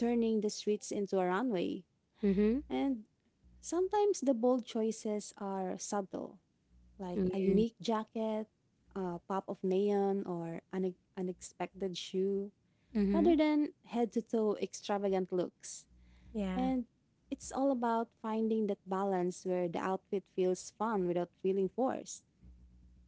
[SPEAKER 2] turning the streets into a runway.
[SPEAKER 1] Mm-hmm.
[SPEAKER 2] And sometimes the bold choices are subtle, like a
[SPEAKER 1] Mm-hmm.
[SPEAKER 2] unique jacket, a pop of neon, or an unexpected shoe
[SPEAKER 1] Mm-hmm.
[SPEAKER 2] rather than head to toe extravagant looks.
[SPEAKER 1] Yeah.
[SPEAKER 2] And it's all about finding that balance where the outfit feels fun without feeling forced.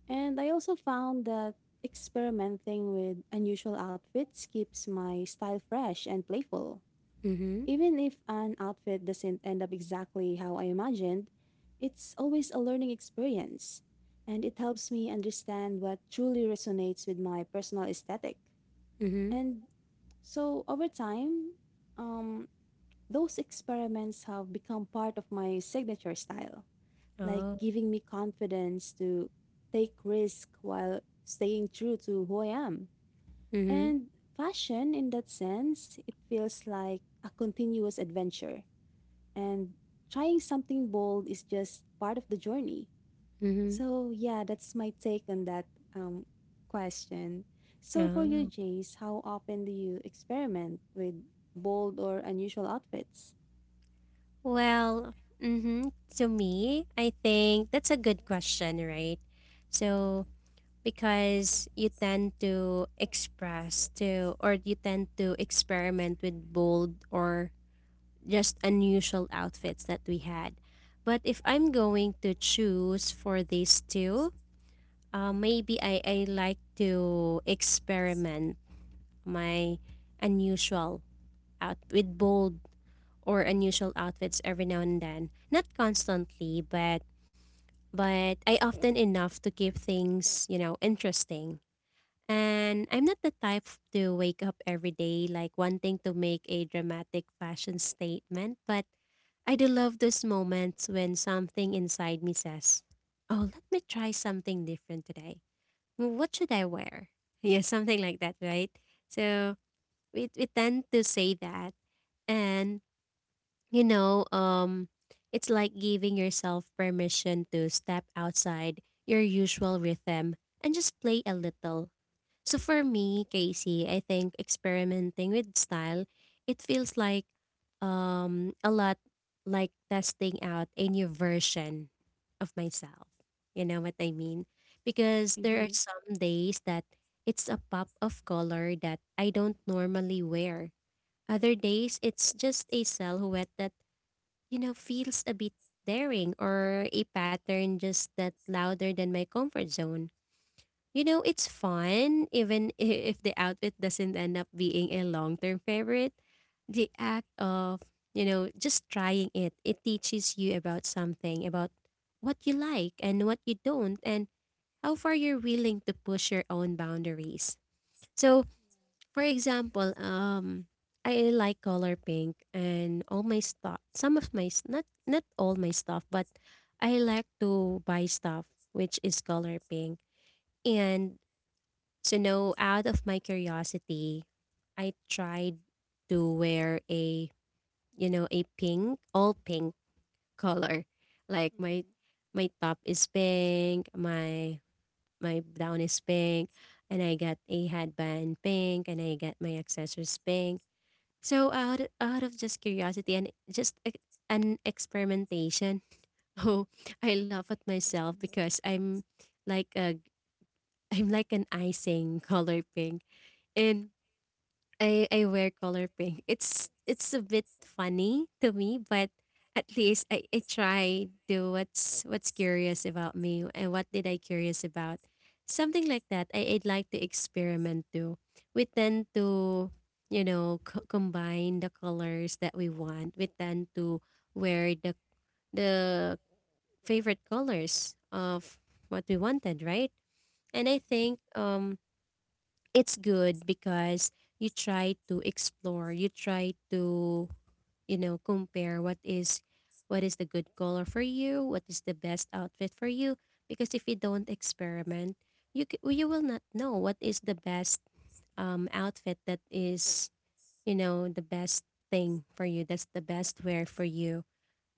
[SPEAKER 2] And I also found that experimenting with unusual outfits keeps my style fresh and playful.
[SPEAKER 1] Mm-hmm.
[SPEAKER 2] Even if an outfit doesn't end up exactly how I imagined, it's always a learning experience. And it helps me understand what truly resonates with my personal aesthetic.
[SPEAKER 1] Mm-hmm.
[SPEAKER 2] And so over time, um, those experiments have become part of my signature style, like
[SPEAKER 1] Oh.
[SPEAKER 2] giving me confidence to take risk while staying true to who I am.
[SPEAKER 1] Mm-hmm.
[SPEAKER 2] And fashion, in that sense, it feels like a continuous adventure. And trying something bold is just part of the journey.
[SPEAKER 1] Mm-hmm.
[SPEAKER 2] So yeah, that's my take on that um, question. So for you,
[SPEAKER 1] Yeah.
[SPEAKER 2] Jace, how often do you experiment with bold or unusual outfits?
[SPEAKER 1] Well, mhm, to me, I think that's a good question, right? So, because you tend to express to, or you tend to experiment with bold or just unusual outfits that we had. But if I'm going to choose for these two, maybe I like to experiment my unusual out with bold or unusual outfits every now and then. Not constantly, but I often enough to keep things, you know, interesting. And I'm not the type to wake up every day like wanting to make a dramatic fashion statement, but I do love those moments when something inside me says, oh, let me try something different today. What should I wear? (laughs) Yeah, something like that, right? So we tend to say that. And you know, it's like giving yourself permission to step outside your usual rhythm and just play a little. So for me, Casey, I think experimenting with style, it feels like a lot like testing out a new version of myself. You know what I mean? Because there are
[SPEAKER 2] Mm-hmm.
[SPEAKER 1] some days that it's a pop of color that I don't normally wear. Other days, it's just a silhouette that, you know, feels a bit daring, or a pattern just that louder than my comfort zone. You know, it's fun even if the outfit doesn't end up being a long-term favorite. The act of, you know, just trying it, it teaches you about something, about what you like and what you don't, and how far you're willing to push your own boundaries. So, for example, I like color pink and all my stuff. Some of not not all my stuff, but I like to buy stuff which is color pink. And so now, out of my curiosity, I tried to wear a you know a pink all pink (laughs) color. Like my
[SPEAKER 2] Mm-hmm. Mm-hmm.
[SPEAKER 1] top is pink, my gown is pink, and I got a headband pink, and I got my accessories pink, so out of just curiosity and just an experimentation. (laughs) Oh, I laugh at myself because like a I'm like an icing color pink, and I wear color pink. It's a bit funny to me, but at least I try do what's curious about me and what did I curious about. Something like that. I'd like to experiment too. We tend to, you know, combine the colors that we want. We tend to wear the favorite colors of what we wanted, right? And I think
[SPEAKER 2] Mm-hmm.
[SPEAKER 1] it's good because you try to explore, you try to, you know, compare what is the good color for you, what is the best outfit for you, because if you don't experiment, you will not know what is the best outfit that is, you know, the best thing for you, that's the best wear for you.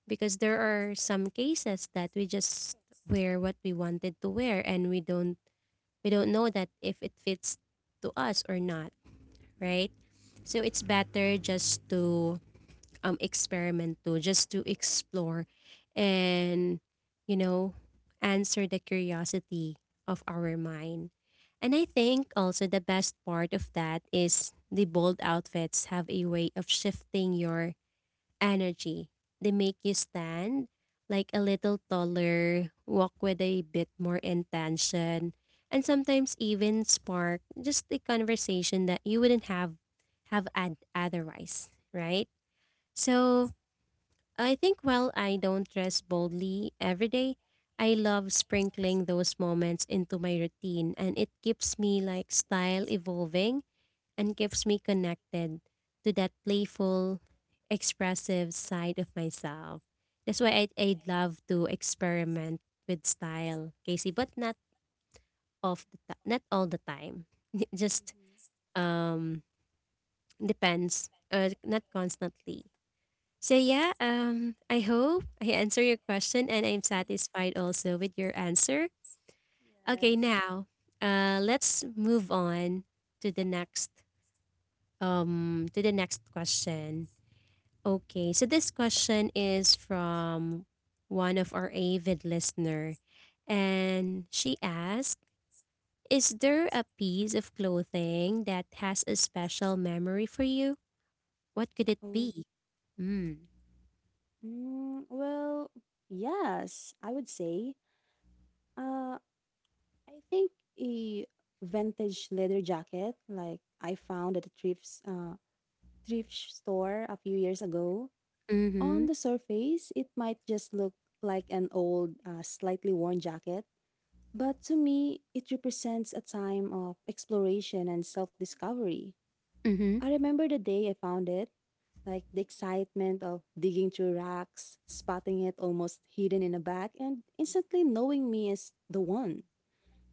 [SPEAKER 1] Because there are some cases that we just wear what we wanted to wear, and we don't know that if it fits to us or not, right? So it's better just to experiment, to just to explore, and you know, answer the curiosity of our mind. And I think also the best part of that is the bold outfits have a way of shifting your energy. They make you stand like a little taller, walk with a bit more intention, and sometimes even spark just a conversation that you wouldn't have otherwise, right? So, I think while I don't dress boldly every day, I love sprinkling those moments into my routine, and it keeps me like style evolving and keeps me connected to that playful, expressive side of myself. That's why I'd love to experiment with style, Casey, but not not all the time. (laughs) Just um depends, not constantly. So yeah, I hope I answer your question and I'm
[SPEAKER 2] (laughs)
[SPEAKER 1] satisfied also with your answer. Okay,
[SPEAKER 2] Yes.
[SPEAKER 1] now let's move on to the next to the next question. Okay, so this question is from one of our avid listener, and she asked, "Is there a piece of clothing that has a special memory for you? What could it
[SPEAKER 2] Oh.
[SPEAKER 1] be?" Mm.
[SPEAKER 2] Well, yes, I would say. Uh, I think a vintage leather jacket, like I found at a thrift store a few years ago. On
[SPEAKER 1] Mm-hmm.
[SPEAKER 2] the surface, it might just look like an old, slightly worn jacket, but to me, it represents a time of exploration and self-discovery.
[SPEAKER 1] Mm-hmm.
[SPEAKER 2] I remember the day I found it, like the excitement of digging through racks, spotting it almost hidden in a bag, and instantly knowing me as the one.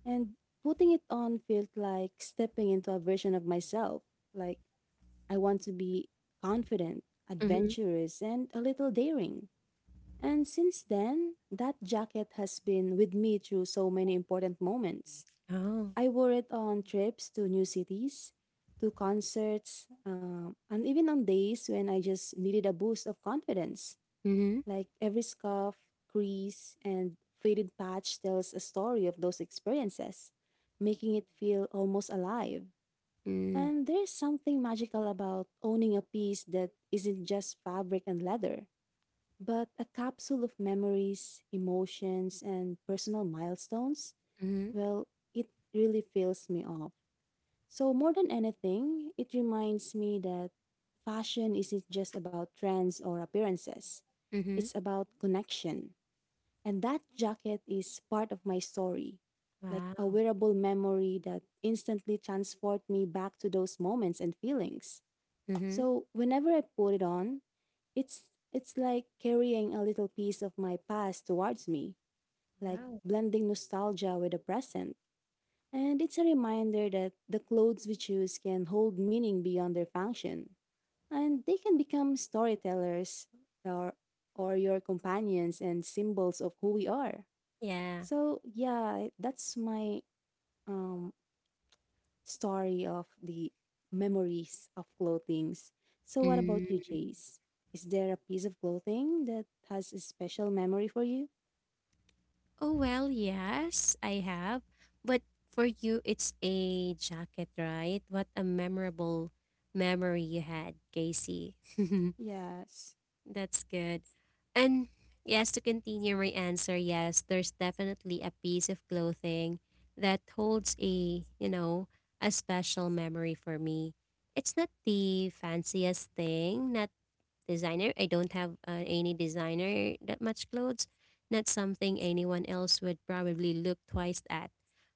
[SPEAKER 2] And putting it on felt like stepping into a version of myself. Like I want to be confident,
[SPEAKER 1] Mm-hmm.
[SPEAKER 2] adventurous, and a little daring. And since then, that jacket has been with me through so many important moments.
[SPEAKER 1] Oh.
[SPEAKER 2] I wore it on trips to new cities, to concerts, and even on days when I just needed a boost of confidence.
[SPEAKER 1] Mm-hmm.
[SPEAKER 2] Like every scarf, crease, and faded patch tells a story of those experiences, making it feel almost alive.
[SPEAKER 1] Mm.
[SPEAKER 2] And there's something magical about owning a piece that isn't just fabric and leather, but a capsule of memories, emotions, and personal milestones.
[SPEAKER 1] Mm-hmm.
[SPEAKER 2] Well, it really fills me off. So, more than anything, it reminds me that fashion isn't just about trends or appearances,
[SPEAKER 1] Mm-hmm.
[SPEAKER 2] it's about connection. And that jacket is part of my story, like a
[SPEAKER 1] Wow.
[SPEAKER 2] wearable memory that instantly transports me back to those moments and feelings.
[SPEAKER 1] Mm-hmm.
[SPEAKER 2] So, whenever I put it on, it's like carrying a little piece of my past towards me, like
[SPEAKER 1] Wow.
[SPEAKER 2] blending nostalgia with the present. And it's a reminder that the clothes we choose can hold meaning beyond their function, and they can become storytellers or, or your companions and symbols of who we are.
[SPEAKER 1] Yeah.
[SPEAKER 2] So, yeah, that's my um, story of the memories of clothings. So, what about you, Jace? Is there a piece of clothing that has a special memory for you?
[SPEAKER 1] Oh, well, yes, I have. But for you, it's a jacket, right? What a memorable memory you had, Casey.
[SPEAKER 2] Yes.
[SPEAKER 1] (laughs) That's good. And yes, to continue my answer, yes, there's definitely a piece of clothing that holds a, you know, a special memory for me. It's not the fanciest thing, not designer. I don't have any designer that much clothes. Not something anyone else would probably look twice at.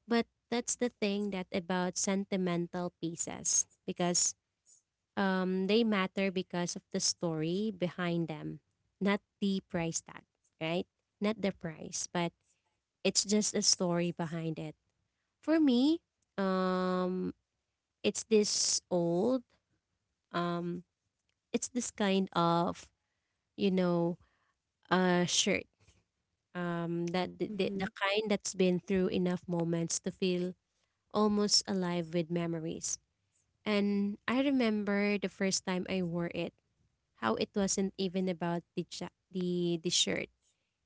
[SPEAKER 1] But that's the thing that about sentimental pieces, because they matter because of the story behind them, not the price tag, right? Not the price, but it's just a story behind it. For me, um, it's this old, um, it's this kind of, you know, shirt, that the
[SPEAKER 2] Mm-hmm.
[SPEAKER 1] kind that's been through enough moments to feel almost alive with memories. And I remember the first time I wore it, how it wasn't even about the ja- the shirt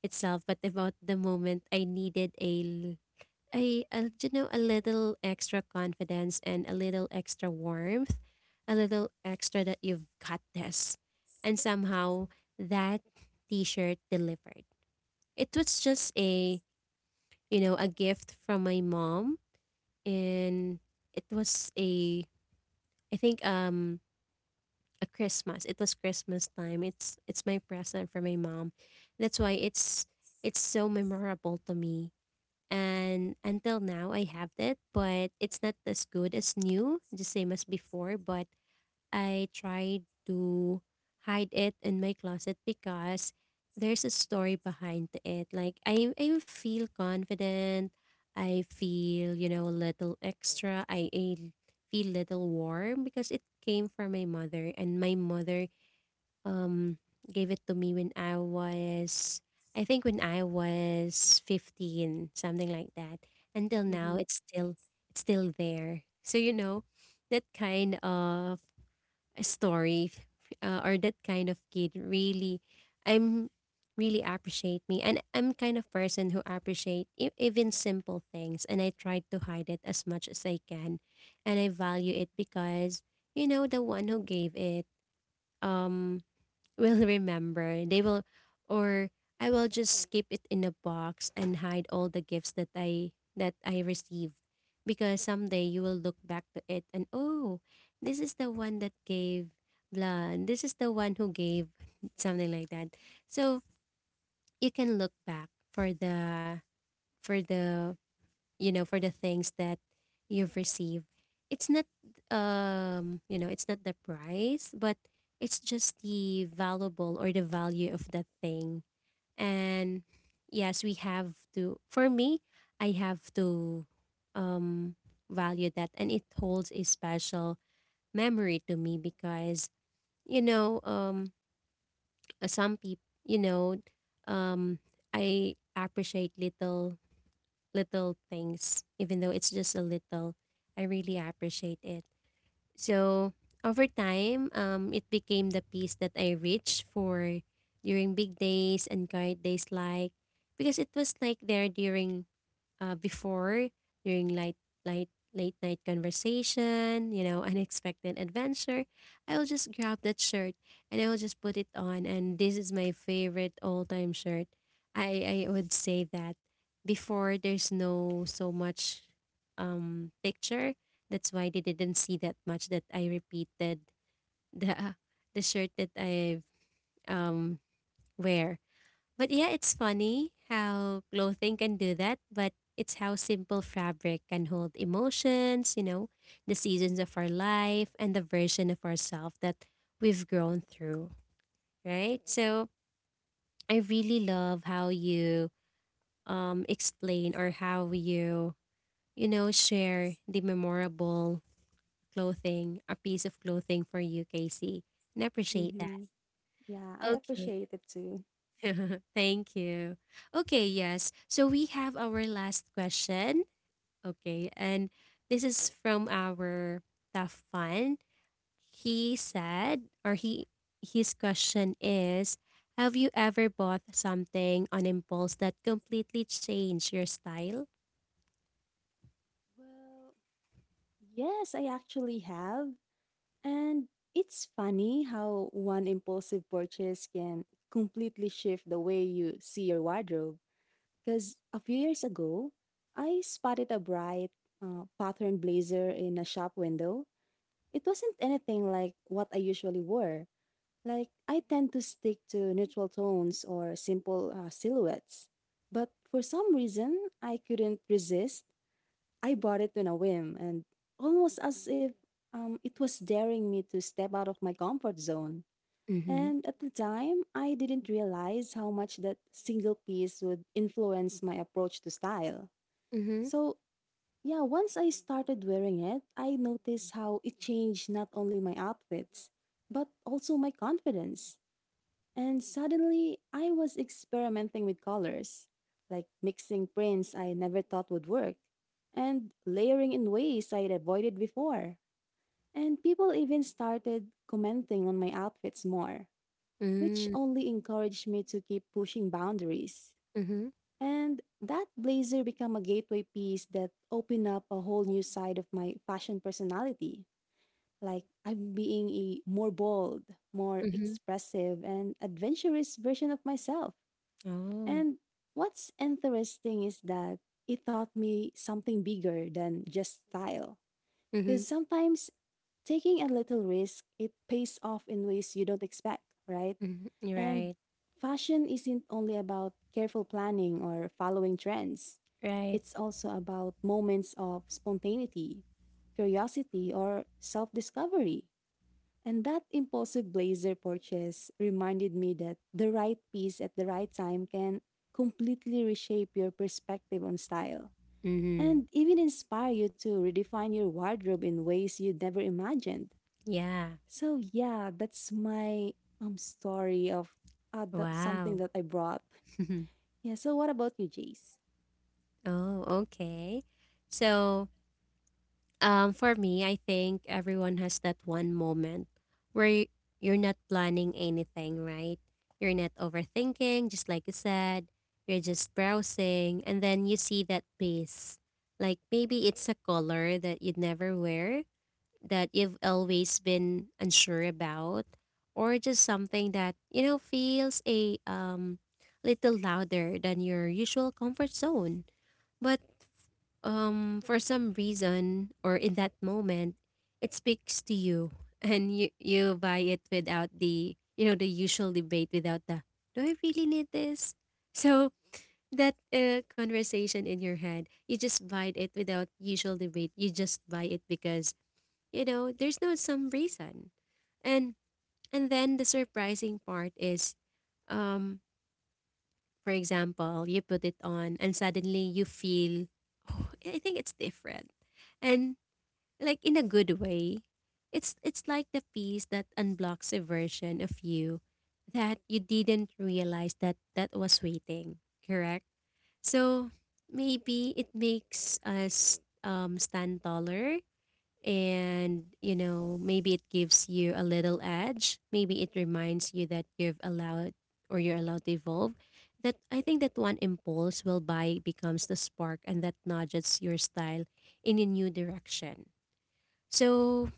[SPEAKER 1] itself, but about the moment I needed a you know a little extra confidence and a little extra warmth, a little extra that you've got this, and somehow that T-shirt delivered. It was just a, a gift from my mom. And it was a, I think, a Christmas. It was Christmas time. It's my present from my mom. That's why it's so memorable to me. And until now I have that, but it's not as good as new, the same as before. But I tried to hide it in my closet because there's a story behind it. Like, I feel confident. I feel, you know, a little extra. I feel little warm because it came from my mother, and my mother um gave it to me when I was, I think when I was 15, something like that. Until now
[SPEAKER 2] Mm-hmm.
[SPEAKER 1] it's still there. So you know, that kind of story, or that kind of kid really, I'm really appreciate me, and I'm kind of person who appreciate even simple things, and I try to hide it as much as I can. And I value it because, you know, the one who gave it um will remember. They will. Or I will just keep it in a box and hide all the gifts that I received, because someday you will look back to it and, oh, this is the one that gave blah, and this is the one who gave (laughs) something like that. So you can look back for the you know, for the things that you've received. It's not, it's not the price, but it's just the valuable or the value of that thing. And yes, we have to, for me, I have to um value that, and it holds a special memory to me because, you know, some people, you know, um I appreciate little, little things. Even though it's just a little, I really appreciate it. So over time, it became the piece that I reached for during big days and quiet days. Like, because it was like there during, before, during light late night conversation, you know, (laughs) unexpected adventure, I will just grab that shirt and I will just put it on, and this is my favorite all-time shirt. I would say that before there's no so much picture. That's why they didn't see that much, that I repeated the (laughs) the shirt that I um wear. But yeah, it's funny how clothing can do that, but it's how simple fabric can hold emotions, you know, the seasons of our life and the version of ourselves that we've grown through, right? So I really love how you explain, or how you, you know, share the memorable clothing, a piece of clothing for you, Casey. And I appreciate that.
[SPEAKER 2] Mm-hmm. Yeah, I
[SPEAKER 1] Okay.
[SPEAKER 2] appreciate it too.
[SPEAKER 1] (laughs) Thank you. Okay, yes. So we have our last question. Okay. And this is from our tough fun. He said, or he, his question is, have you ever bought something on impulse that completely changed your style?
[SPEAKER 2] Well, yes, I actually have. And it's funny how one impulsive purchase can completely shift the way you see your wardrobe. Because a few years ago, I spotted a bright patterned blazer in a shop window. It wasn't anything like what I usually wore. Like, I tend to stick to neutral tones or simple silhouettes. But for some reason, I couldn't resist. I bought it on a whim and almost as if it was daring me to step out of my comfort zone.
[SPEAKER 1] Mm-hmm.
[SPEAKER 2] And at the time, I didn't realize how much that single piece would influence my approach to style.
[SPEAKER 1] Mm-hmm.
[SPEAKER 2] So, yeah, once I started wearing it, I noticed how it changed not only my outfits, but also my confidence. And suddenly, I was experimenting with colors, like mixing prints I never thought would work, and layering in ways I had avoided before. And people even started commenting on my outfits more, which
[SPEAKER 1] Mm-hmm.
[SPEAKER 2] only encouraged me to keep pushing boundaries.
[SPEAKER 1] Mm-hmm.
[SPEAKER 2] And that blazer became a gateway piece that opened up a whole new side of my fashion personality. Like I'm being a more bold, more
[SPEAKER 1] Mm-hmm.
[SPEAKER 2] expressive, and adventurous version of myself.
[SPEAKER 1] Oh.
[SPEAKER 2] And what's interesting is that it taught me something bigger than just style.
[SPEAKER 1] Mm-hmm.
[SPEAKER 2] Because sometimes taking a little risk, it pays off in ways you don't expect, right?
[SPEAKER 1] Mm-hmm.
[SPEAKER 2] And
[SPEAKER 1] Right.
[SPEAKER 2] fashion isn't only about careful planning or following trends,
[SPEAKER 1] Right.
[SPEAKER 2] it's also about moments of spontaneity, curiosity, or self discovery. And that impulsive blazer purchase reminded me that the right piece at the right time can completely reshape your perspective on style
[SPEAKER 1] Mm-hmm.
[SPEAKER 2] and even inspire you to redefine your wardrobe in ways you'd never imagined.
[SPEAKER 1] Yeah.
[SPEAKER 2] So yeah, that's my story of something
[SPEAKER 1] Wow.
[SPEAKER 2] that I brought.
[SPEAKER 1] (laughs)
[SPEAKER 2] Yeah, so what about you, Jace?
[SPEAKER 1] Oh, okay. So, for me, I think everyone has that one moment where you're not planning anything, right? You're not overthinking, just like you said. You're just browsing, and then you see that piece. Like, maybe it's a color that you'd never wear, that you've always been unsure about, or just something that, you know, feels a little louder than your usual comfort zone. But for some reason, or in that moment it speaks to you, (laughs) and you buy it without the, you know, the usual debate, without the, do I really need this. So that, conversation in your head, you just buy it without usual debate, you just buy it because, you know, there's no some reason. And and then the surprising part is, um for example, you put it on and suddenly you feel, oh, I think it's different. And like, in a good way. It's like the piece that unblocks a version of you that you didn't realize that was waiting, correct? So maybe it makes us stand taller. And you know, maybe it gives you a little edge, maybe it reminds you that you've allowed, or you're allowed to evolve, that I think that one impulse will buy becomes the spark and that nudges your style in a new direction. So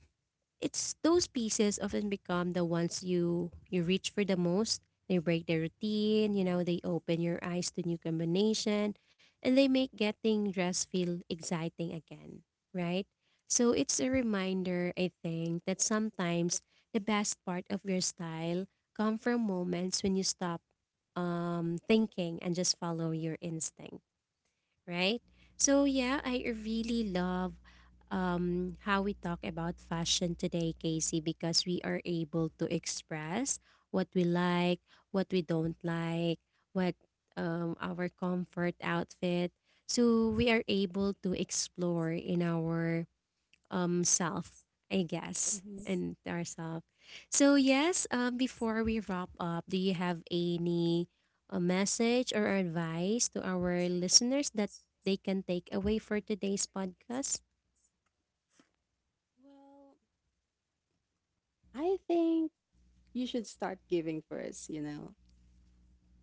[SPEAKER 1] it's those pieces often become the ones you read for the most. They break the routine, you know, they open your eyes to new combination, and they make getting dressed feel exciting again, right? So it's a reminder, I think, that sometimes the best part of your style come from moments when you stop thinking and just follow your instinct, right? So yeah, I really love how we talk about fashion today, Casey, because we are able to express what we like, what we don't like, what, our comfort outfit. So we are able to explore in our self, I guess,
[SPEAKER 2] Mhm.
[SPEAKER 1] and ourself. So yes, before we wrap up, do you have any a message or advice to our listeners that they can take away for today's podcast?
[SPEAKER 2] Well, I think you should start giving first, you know.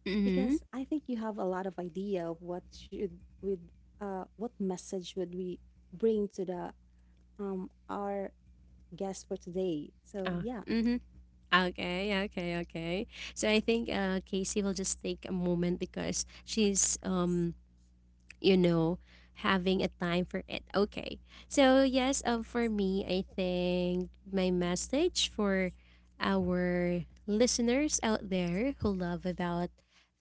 [SPEAKER 1] Mm-hmm.
[SPEAKER 2] Because I think you have a lot of idea of what should with what message would we bring to the our guest for today. So
[SPEAKER 1] Oh,
[SPEAKER 2] yeah,
[SPEAKER 1] mm-hmm. Okay, okay, okay. So I think Casey will just take a moment because she's you know, having a time for it. Okay. So, yes, for me, I think my message for our listeners out there who love about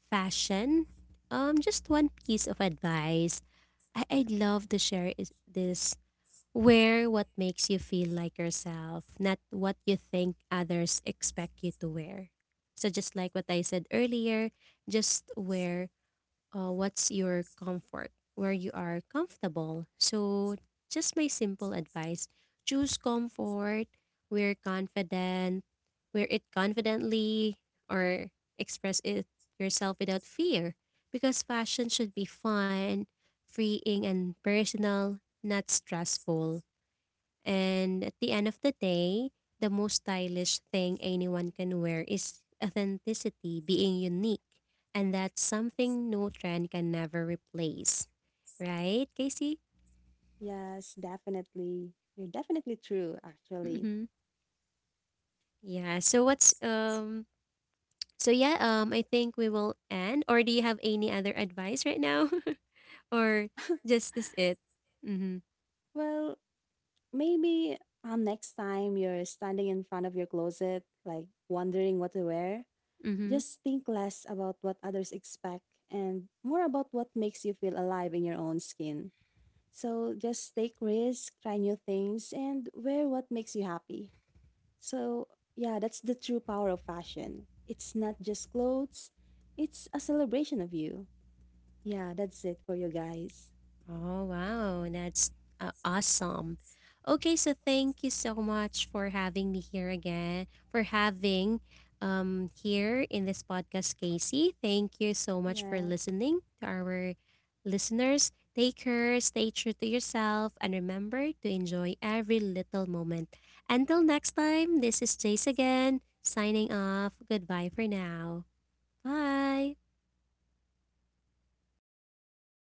[SPEAKER 1] fashion, just one piece of advice I'd love to share is this. Wear what makes you feel like yourself, not what you think others expect you to wear. So, just like what I said earlier, just wear what's your comfort, where you are comfortable. So, just my simple advice, choose comfort, we're confident, wear it confidently, or express it yourself without fear. Because fashion should be fun, freeing, and personal, not stressful. And at the end of the day, the most stylish thing anyone can wear is authenticity, being unique. And that's something no trend can never replace. Right, Casey?
[SPEAKER 2] yes, definitely. You're definitely true actually.
[SPEAKER 1] Mm-hmm. Yeah. So what's so yeah, I think we will end. Or do you have any other advice right now? (laughs) Or just this it? Mm-hmm.
[SPEAKER 2] Well, maybe next time you're standing in front of your closet like wondering what to wear,
[SPEAKER 1] Mm-hmm.
[SPEAKER 2] just think less about what others expect and more about what makes you feel alive in your own skin. So just take risks, try new things, and wear what makes you happy. So, yeah, that's the true power of fashion. It's not just clothes, it's a celebration of you. Yeah, that's it for you guys.
[SPEAKER 1] Oh, wow. That's awesome. Okay, so thank you so much for having me here again, for having here in this podcast, Casey. Thank you so much for
[SPEAKER 2] Yes.
[SPEAKER 1] listening to our listeners. Take care, stay true to yourself, and remember to enjoy every little moment. Until next time, this is Jace again, signing off. Goodbye for now. Bye.